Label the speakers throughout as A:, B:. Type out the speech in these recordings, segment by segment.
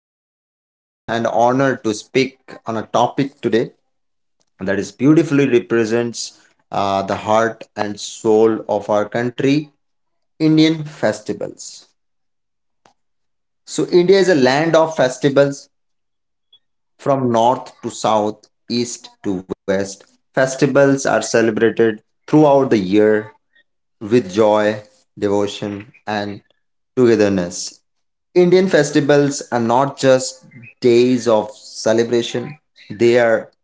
A: feel proud and honored to speak on a topic today that is beautifully represents the heart and soul of our country Indian festivals. So, India is a land of festivals. From north to south, east to west, festivals are celebrated throughout the year with joy, devotion, and togetherness. Indian festivals are not just days of celebration, they are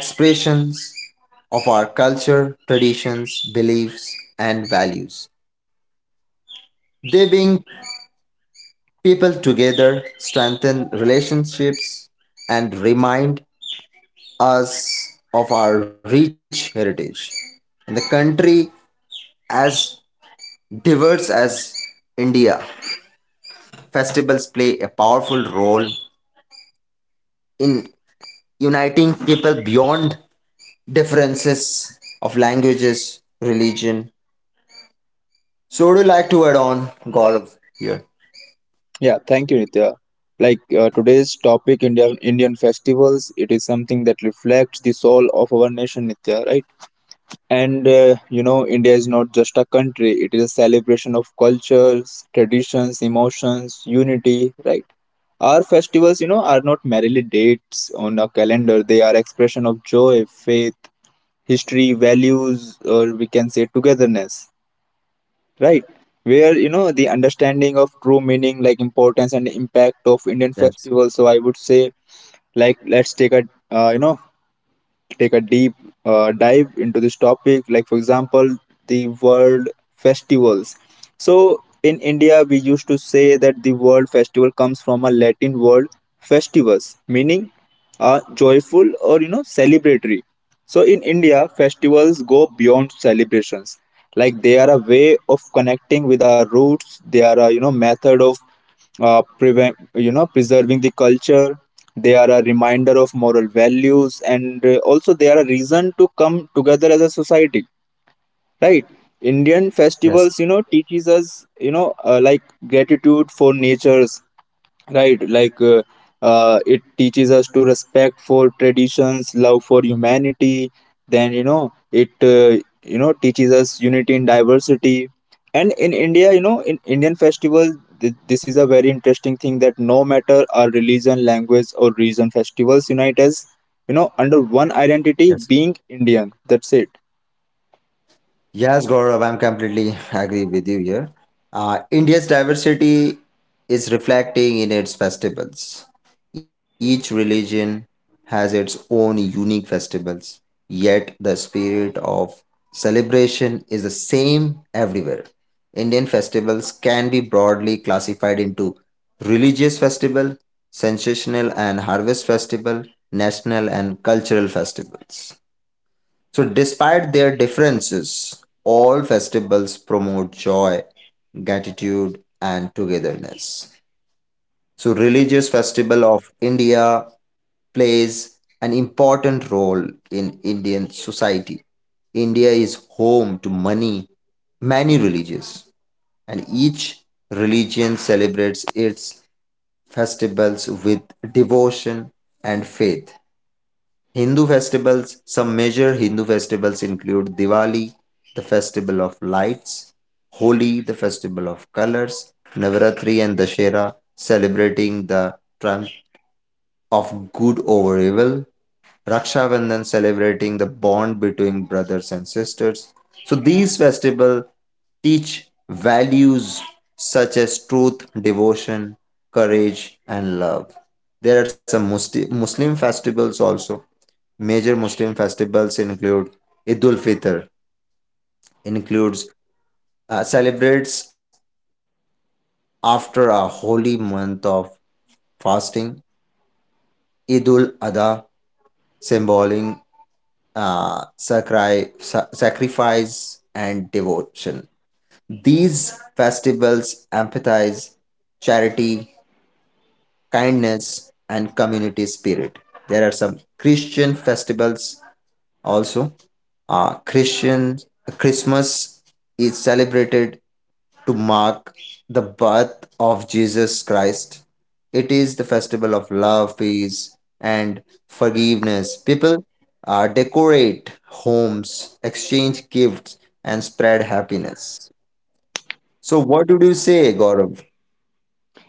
A: expressions of our culture, traditions, beliefs, and values. They bring people together, strengthen relationships, and remind us of our rich heritage. In the country as diverse as India, festivals play a powerful role in uniting people beyond differences of languages, religion. So, would you like to add on, Gaurav, here?
B: Yeah, thank you Nitya. Today's topic, Indian festivals, it is something that reflects the soul of our nation, Nitya, right? And India is not just a country; it is a celebration of cultures, traditions, emotions, unity, right? Our festivals, you know, are not merely dates on a calendar; they are expression of joy, faith, history, values, or we can say togetherness, right, where the understanding of true meaning, like importance and impact of Indian
A: Yes,
B: festivals. So I would say, let's uh, you know take a deep dive into this topic. Like for example, the world festivals. So in India, we used to say that the world festival comes from a Latin word, festivus, meaning joyful or celebratory. So in India, festivals go beyond celebrations. Like they are a way of connecting with our roots. They are a method of prevent you know preserving the culture. They are a reminder of moral values, and also they are a reason to come together as a society, right? Indian
A: yes,
B: festivals, teaches us, gratitude for nature, right? It teaches us to respect for traditions, love for humanity. Then you know it you know teaches us unity in diversity. And in India, in Indian festivals, this is a very interesting thing, that no matter our religion, language, or region, festivals unite us, under one identity,
A: yes.
B: being Indian. That's it.
A: Yes, Gaurav, I'm completely agree with you here. India's diversity is reflecting in its festivals. Each religion has its own unique festivals, yet the spirit of celebration is the same everywhere. Indian festivals can be broadly classified into religious festival, sensational and harvest festival, national and cultural festivals. So, despite their differences, all festivals promote joy, gratitude, and togetherness. So, religious festival of India plays an important role in Indian society. India is home to many, many religions, and each religion celebrates its festivals with devotion and faith. Hindu festivals. Some major Hindu festivals include Diwali, the festival of lights, Holi, the festival of colors, Navaratri and Dashera, celebrating the triumph of good over evil, Raksha Bandhan, celebrating the bond between brothers and sisters. So these festivals teach values such as truth, devotion, courage, and love. There are some Muslim festivals also. Major Muslim festivals include Eid ul Fitr, includes celebrates after a holy month of fasting. Eid ul Adha, symboling sacrifice and devotion. These festivals emphasize charity, kindness, and community spirit. There are some Christian festivals also. Christian Christmas is celebrated to mark the birth of Jesus Christ. It is the festival of love, peace, and forgiveness. People decorate homes, exchange gifts, and spread happiness. So, what would you say, Gaurav?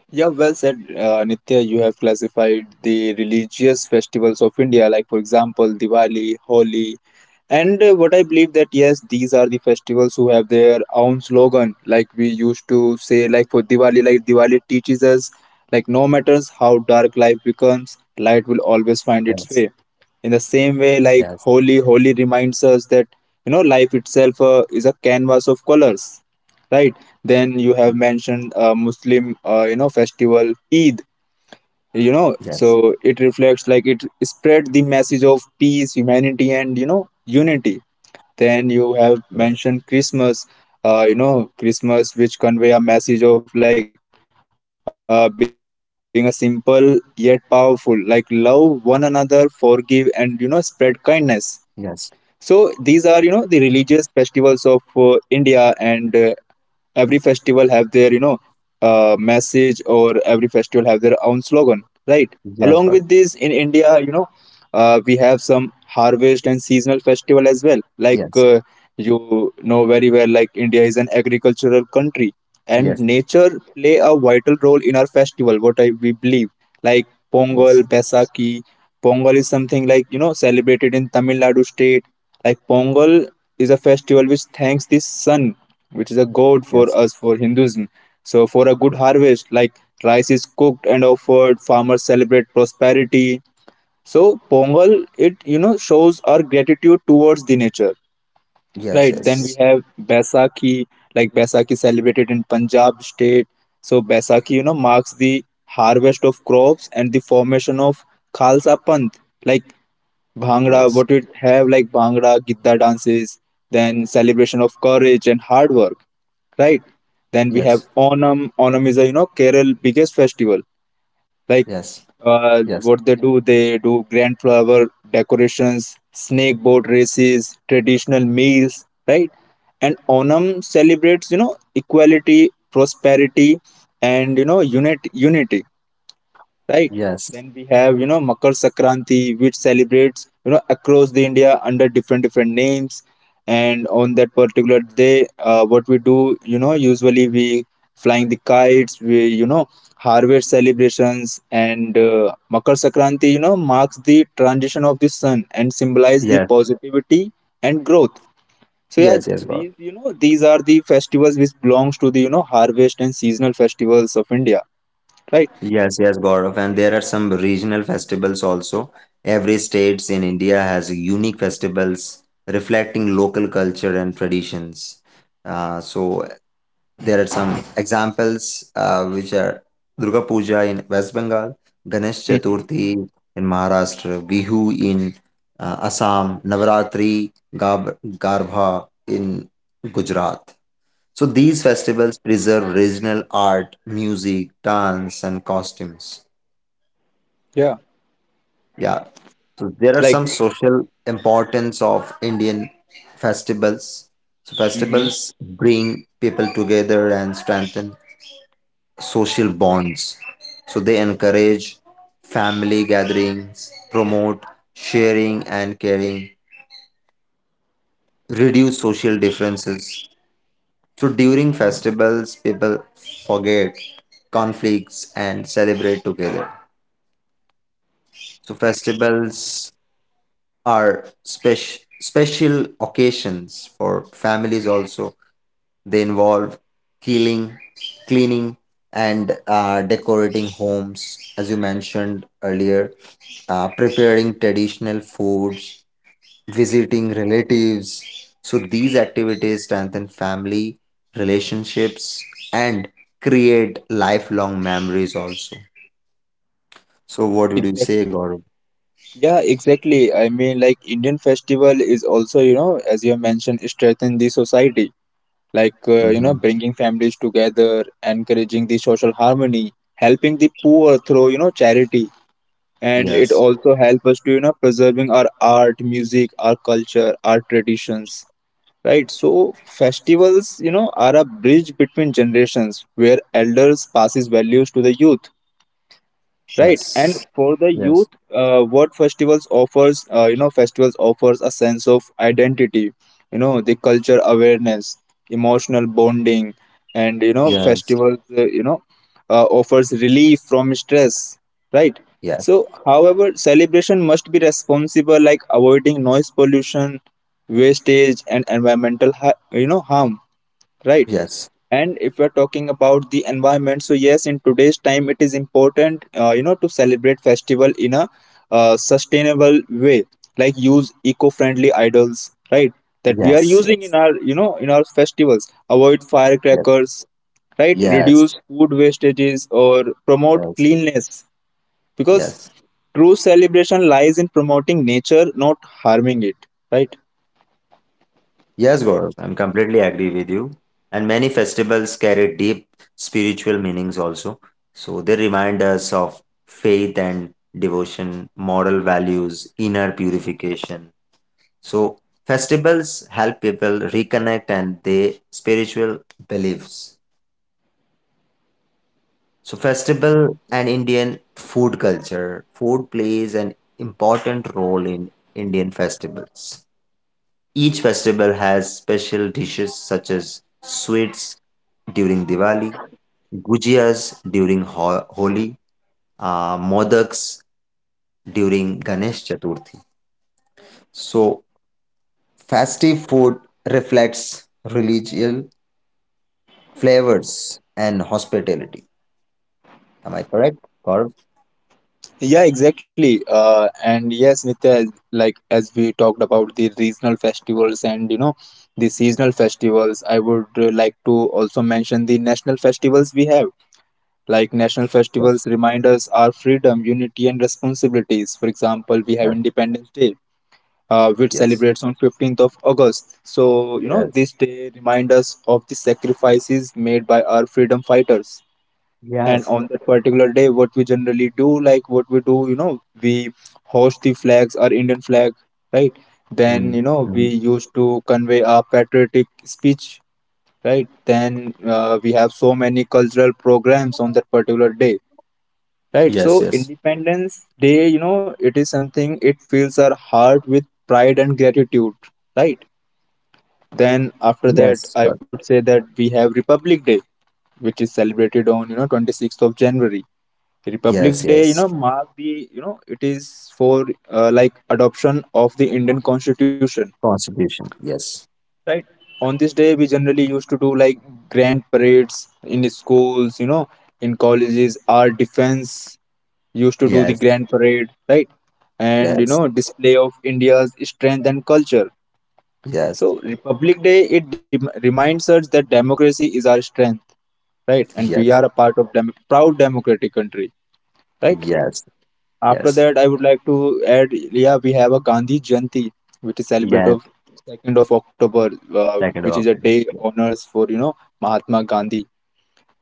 B: Yeah, well said, Nitya. You have classified the religious festivals of India, like, for example, Diwali, Holi, and what I believe that yes, these are the festivals who have their own slogan. Like we used to say, like for Diwali, like Diwali teaches us, like no matters how dark life becomes, light will always find
A: Yes,
B: its way. In the same way,
A: yes,
B: like Holi, reminds us that life itself is a canvas of colors, right? Then you have mentioned Muslim festival Eid. You know,
A: yes,
B: so it reflects, like it spread the message of peace, humanity, and unity. Then you have
A: yes,
B: mentioned Christmas, Christmas, which convey a message of like being a simple yet powerful, like love one another, forgive, and spread kindness.
A: yes,
B: So these are the religious festivals of India, and every festival have their message, or every festival have their own slogan, right?
A: yes, Gaurav.
B: Along with this, in India, we have some harvest and seasonal festival as well.
A: Yes,
B: You know very well, like India is an agricultural country, and
A: yes,
B: nature play a vital role in our festival. What I we believe, like Pongal,
A: yes,
B: Baisakhi. Pongal is something like celebrated in Tamil Nadu state. Like Pongal is a festival which thanks the sun, which is a god for
A: yes,
B: us for Hinduism. So for a good harvest, like rice is cooked and offered, farmers celebrate prosperity. So Pongal, it shows our gratitude towards the nature. Right. Then we
A: yes,
B: have Baisakhi, like Baisakhi celebrated in Punjab state. So Baisakhi, you know, marks the harvest of crops and the formation of Khalsa Panth. Like
A: yes,
B: Bhangra,
A: yes,
B: what we have, like Bhangra, Gidda dances, then celebration of courage and hard work, right? Then we have
A: yes,
B: Onam. Onam is a Kerala biggest festival. Like
A: yes. Yes,
B: what they do grand flower decorations, snake boat races, traditional meals, right? And Onam celebrates, equality, prosperity, and unity, right?
A: yes,
B: Then we have, Makar Sankranti, which celebrates across the India under different different names. And on that particular day, what we do, you know, usually we flying the kites, we harvest celebrations, and Makar Sankranti, you know, marks the transition of the sun and symbolize the
A: yes,
B: positivity and growth. So yeah,
A: yes, yes, Gaurav.
B: these these are the festivals which belongs to the harvest and seasonal festivals of India, right?
A: Yes, yes, Gaurav. And there are some regional festivals also. Every states in India has unique festivals reflecting local culture and traditions. So there are some examples which are Durga Puja in West Bengal, Ganesh
B: Hmm.
A: Chaturthi in Maharashtra, Bihu in Assam, Navaratri, Garbha in Gujarat. So these festivals preserve regional art, music, dance, and costumes.
B: Yeah,
A: Yeah. So there are
B: like.
A: some social importance of Indian festivals. So
B: Mm-hmm.
A: festivals bring people together and strengthen social bonds. So they encourage family gatherings, promote sharing and caring, reduce social differences. So during festivals, people forget conflicts and celebrate together. So festivals are special occasions for families also. They involve killing, cleaning, and decorating homes, as you mentioned earlier, preparing traditional foods, visiting relatives. So these activities strengthen family relationships and create lifelong memories also. So what would you say,
B: Exactly.
A: Gaurav?
B: Yeah, exactly. I mean, like Indian festival is also, you know, as you have mentioned, strengthen the society. Like,
A: Hmm.
B: bringing families together, encouraging the social harmony, helping the poor through, charity. And it
A: Yes,
B: also help us to, preserving our art, music, our culture, our traditions. Right. So festivals, you know, are a bridge between generations where elders passes values to the youth, right?
A: yes,
B: And for the
A: yes,
B: youth, what festivals offers, festivals offers a sense of identity, you know, the culture awareness, emotional bonding. And
A: yes,
B: festivals offers relief from stress, right?
A: yes,
B: So however celebration must be responsible, like avoiding noise pollution, wastage, and environmental harm, right?
A: yes,
B: And if we're talking about the environment, so yes, in today's time, it is important, to celebrate festival in a sustainable way, like use eco-friendly idols, right? That we are
A: yes,
B: using in
A: yes,
B: our, in our festivals. Avoid
A: yes,
B: firecrackers, right?
A: yes,
B: Reduce food wastages or promote
A: yes,
B: cleanliness, because
A: yes.
B: true celebration lies in promoting nature, not harming it, right?
A: Yes, Gaurav, I'm completely agree with you. And many festivals carry deep spiritual meanings also. So they remind us of faith and devotion, moral values, inner purification. So festivals help people reconnect and their spiritual beliefs. So festival and Indian food culture. Food plays an important role in Indian festivals. Each festival has special dishes such as sweets during Diwali, gujias during Holi, modaks during Ganesh Chaturthi. So, festive food reflects religious flavors and hospitality. Am I correct, Gaurav?
B: Yeah, exactly. And yes, Nitya, like as we talked about the regional festivals and the seasonal festivals, I would like to also mention the national festivals we have. Like national
A: Yes.
B: festivals remind us our freedom, unity, and responsibilities. For example, we
A: Yes.
B: have Independence Day, which
A: Yes.
B: celebrates on 15th of August. So you know
A: Yes.
B: this day reminds us of the sacrifices made by our freedom fighters. And
A: Yes.
B: on that particular day, what we generally do, like what we do, you know, we host the flags, our Indian flag, right?
A: Mm,
B: Then we
A: mhm.
B: used to convey our patriotic speech, right? Then we have so many cultural programs on that particular day, right?
A: Yes.
B: So
A: Yes.
B: Independence Day, you know, it is something, it fills our heart with pride and gratitude, right? Then after
A: Yes.
B: that,
A: Gaurav.
B: I would say that we have Republic Day, which is celebrated on, you know, 26th of January.
A: Yes.
B: Republic Day, you
A: Yes.
B: know, mark the, you know, it is for like adoption of the Indian Constitution,
A: Constitution. Yes.
B: right? On this day, we generally used to do like grand parades in schools, you know, in colleges. Our defense used to do the
A: Yes.
B: grand parade, right? And, you know,
A: Yes.
B: display of India's strength and culture.
A: Yes.
B: So Republic Day, it dem reminds us that democracy is our strength, right? And we are a
A: Yes.
B: part of dem proud democratic country, right?
A: Yes.
B: After
A: Yes.
B: that, I would like to add, yeah, we have a Gandhi Jayanti, which is celebrated
A: Yes.
B: of 2nd of October,
A: Second
B: which
A: of
B: is a
A: October.
B: day honors for, you know, Mahatma Gandhi.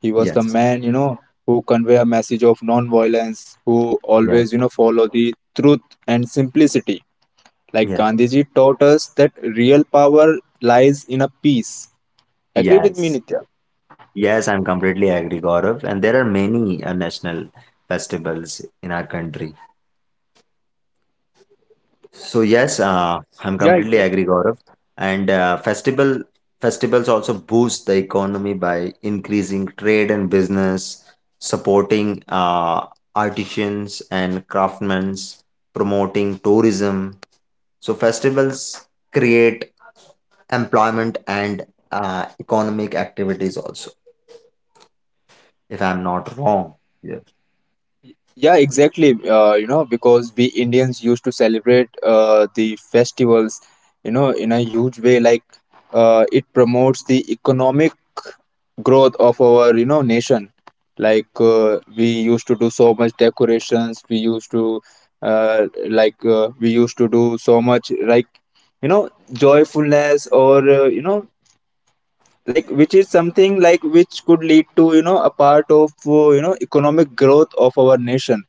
B: He was the
A: Yes.
B: man, you know, who convey a message of non-violence, who always,
A: Yes,
B: you know, follow the truth and simplicity. Like
A: yes,
B: Gandhiji taught us that real power lies in a peace. Agree with me,
A: yes,
B: Nitya?
A: yes. I'm completely agree, Gaurav. And there are many national festivals in our country. So yes,
B: Yeah.
A: I'm completely agree, Gaurav. And festivals also boost the economy by increasing trade and business, supporting artisans and craftsmen, promoting tourism. So festivals create employment and economic activities also, if I'm not wrong. Yes,
B: Yeah, exactly. You know, because we Indians used to celebrate the festivals, you know, in a huge way. Like, it promotes the economic growth of our, you know, nation. Like, we used to do so much decorations. We used to do so much, like, you know, joyfulness or, like, which is something like which could lead to, a part of, economic growth of our nation.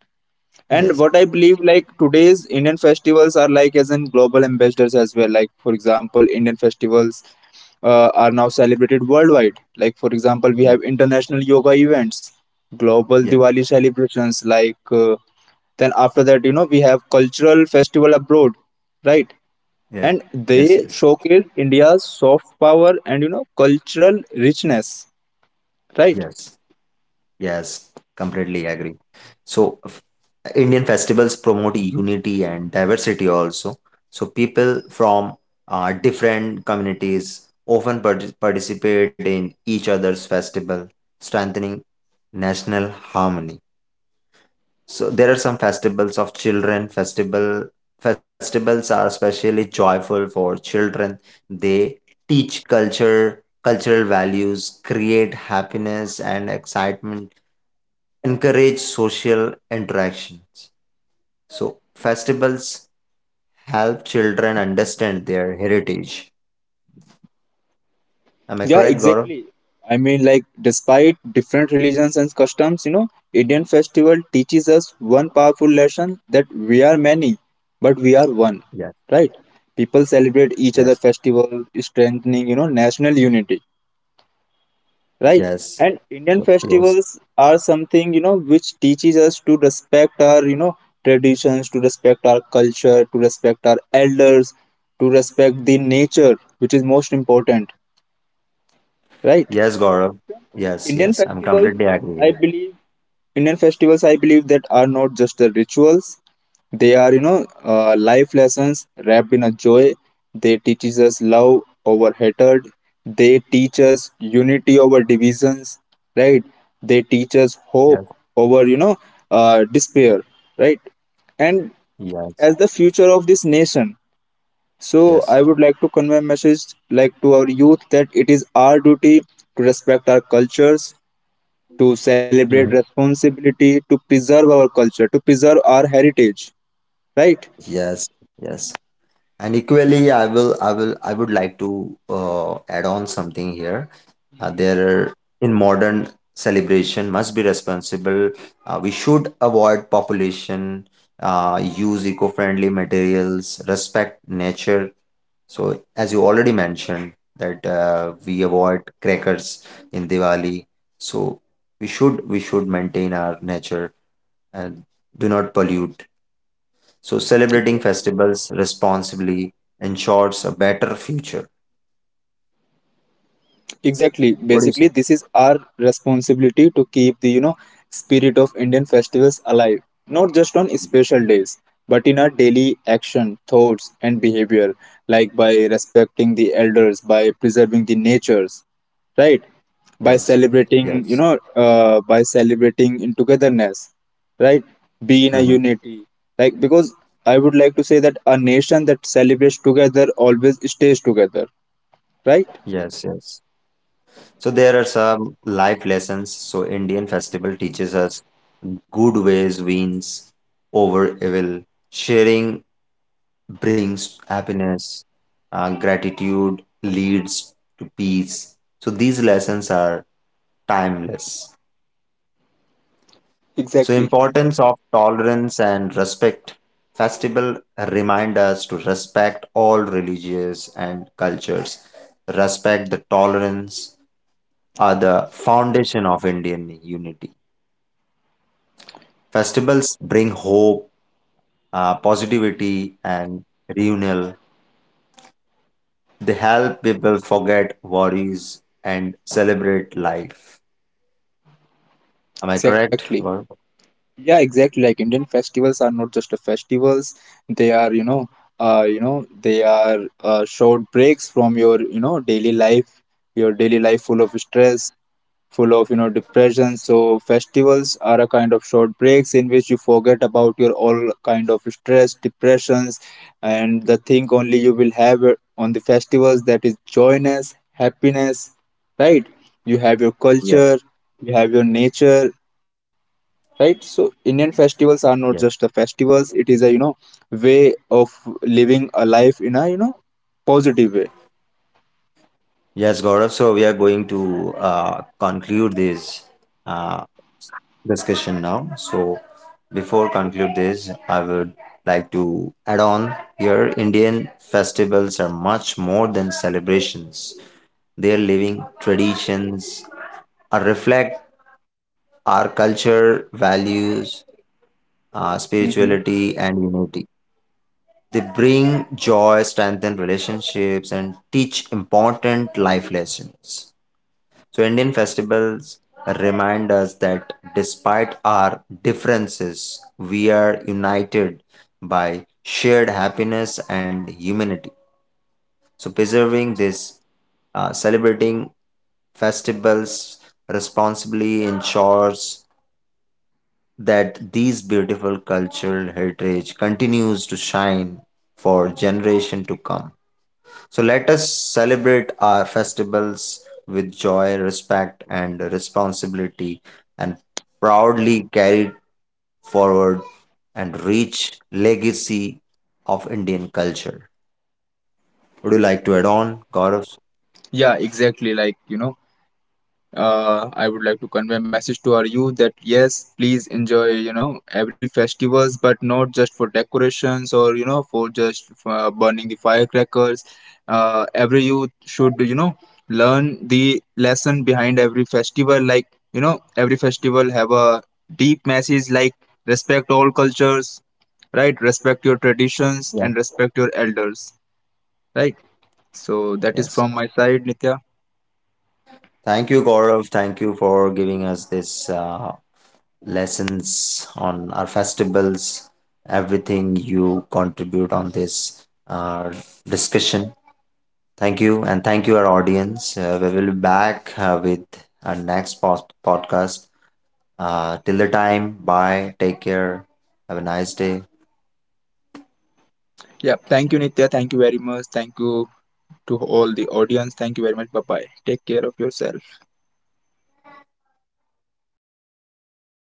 B: And
A: yes,
B: what I believe, like today's Indian festivals are like as in global ambassadors as well. Like for example, Indian festivals are now celebrated worldwide. Like for example, we
A: yeah,
B: have international yoga events, global
A: yeah,
B: Diwali celebrations. Then after that, you know, we have cultural festival abroad, right?
A: yeah,
B: And
A: yes, yes,
B: they showcase India's soft power and cultural richness, right?
A: yes, yes, completely agree. So, Indian festivals promote unity and diversity also. So, people from different communities often participate in each other's festival, strengthening national harmony. So there are some festivals of children. Festivals are especially joyful for children. They teach culture, cultural values, create happiness and excitement, encourage social interactions. So festivals help children understand their heritage. Am I
B: Yeah,
A: correct, Gaurav?
B: exactly. I mean, like, despite different religions and customs, you know, Indian festival teaches us one powerful lesson, that we are many, but we are one,
A: Yes,
B: right? People celebrate
A: yes,
B: each other festival, strengthening, you know, national unity, right?
A: yes,
B: And Indian
A: yes,
B: festivals are something, you know, which teaches us to respect our, you know, traditions, to respect our culture, to respect our elders, to respect the nature, which is most important, right?
A: yes, Gaurav. Yes,
B: Indian
A: yes. I'm
B: festivals,
A: completely
B: I
A: agree here.
B: believe, Indian festivals, I believe that are not just the rituals. They are, life lessons wrapped in a joy. They teaches us love over hatred. They teach us unity over divisions, right? They teach us
A: Yes,
B: hope over, despair, right? And
A: yes,
B: as the future of this nation, so I
A: yes.
B: would like to convey a message like to our youth, that it is our duty to respect our cultures, to celebrate
A: Mhm.
B: responsibility, to preserve our culture, to preserve our heritage, right?
A: Yes, yes. And equally, I would like to add on something here. Uh, there are, in modern celebration must be responsible. We should avoid population, use eco-friendly materials, respect nature. So, as you already mentioned, that we avoid crackers in Diwali. So, we should maintain our nature and do not pollute. So, celebrating festivals responsibly ensures a better future.
B: Exactly.
A: What do you
B: Basically,
A: say?
B: this is our responsibility to keep the spirit of Indian festivals alive, not just on special days, but in our daily action, thoughts, and behavior, like by respecting the elders, by preserving the natures, right?
A: Yes,
B: By
A: yes,
B: celebrating, by celebrating in togetherness, right? Be in a
A: hmm,
B: unity, like because I would like to say that a nation that celebrates together always stays together, right?
A: yes, yes. So, there are some life lessons. So, Indian festival teaches us good ways wins over evil. Sharing brings happiness. Gratitude leads to peace. So, these lessons are timeless. So
B: Exactly.
A: importance of tolerance and respect. Festival remind us to respect all religious and cultures. Respect the tolerance are the foundation of Indian unity. Festivals bring hope, positivity and reunion. They help people forget worries and celebrate life. Am I
B: Exactly.
A: correct, Gaurav?
B: Yeah, exactly. Like Indian festivals are not just a festivals. They are, they are short breaks from your, you know, daily life. Your daily life full of stress, full of, depression. So festivals are a kind of short breaks in which you forget about your all kind of stress, depressions, and the thing only you will have it on the festivals, that is joyness, happiness, right? You have your culture,
A: Yes.
B: you have your nature, right? So Indian festivals are not
A: Yes.
B: just the festivals, it is a way of living a life in a positive way.
A: Yes, Gaurav. So we are going to conclude this uh, discussion now. So before conclude this, I would like to add on here. Indian festivals are much more than celebrations. Their living traditions are reflect our culture, values,
B: Mm-hmm.
A: spirituality, and unity. They bring joy, strengthen relationships, and teach important life lessons. So, Indian festivals remind us that despite our differences, we are united by shared happiness and humanity. So, preserving this, celebrating festivals responsibly ensures that these beautiful cultural heritage continues to shine for generation to come. So let us celebrate our festivals with joy, respect, and responsibility, and proudly carry forward and reach legacy of Indian culture. Would you like to add on, Gaurav?
B: Yeah, exactly, like I would like to convey a message to our youth, that yes, please enjoy, you know, every festivals, but not just for decorations or for just burning the firecrackers. Every youth should learn the lesson behind every festival. Like you know, every festival have a deep message, like respect all cultures, right? Respect your traditions
A: Yeah.
B: and respect your elders, right? So that is
A: Yes.
B: from my side, Nitya.
A: Thank you, Gaurav. Thank you for giving us this lessons on our festivals, everything you contribute on this discussion. Thank you, and thank you, our audience. We will be back with our next podcast. Till the time, bye. Take care. Have a nice day.
B: Yeah, thank you, Nitya. Thank you very much. Thank you to all the audience. Thank you very much. Bye bye. Take care of yourself.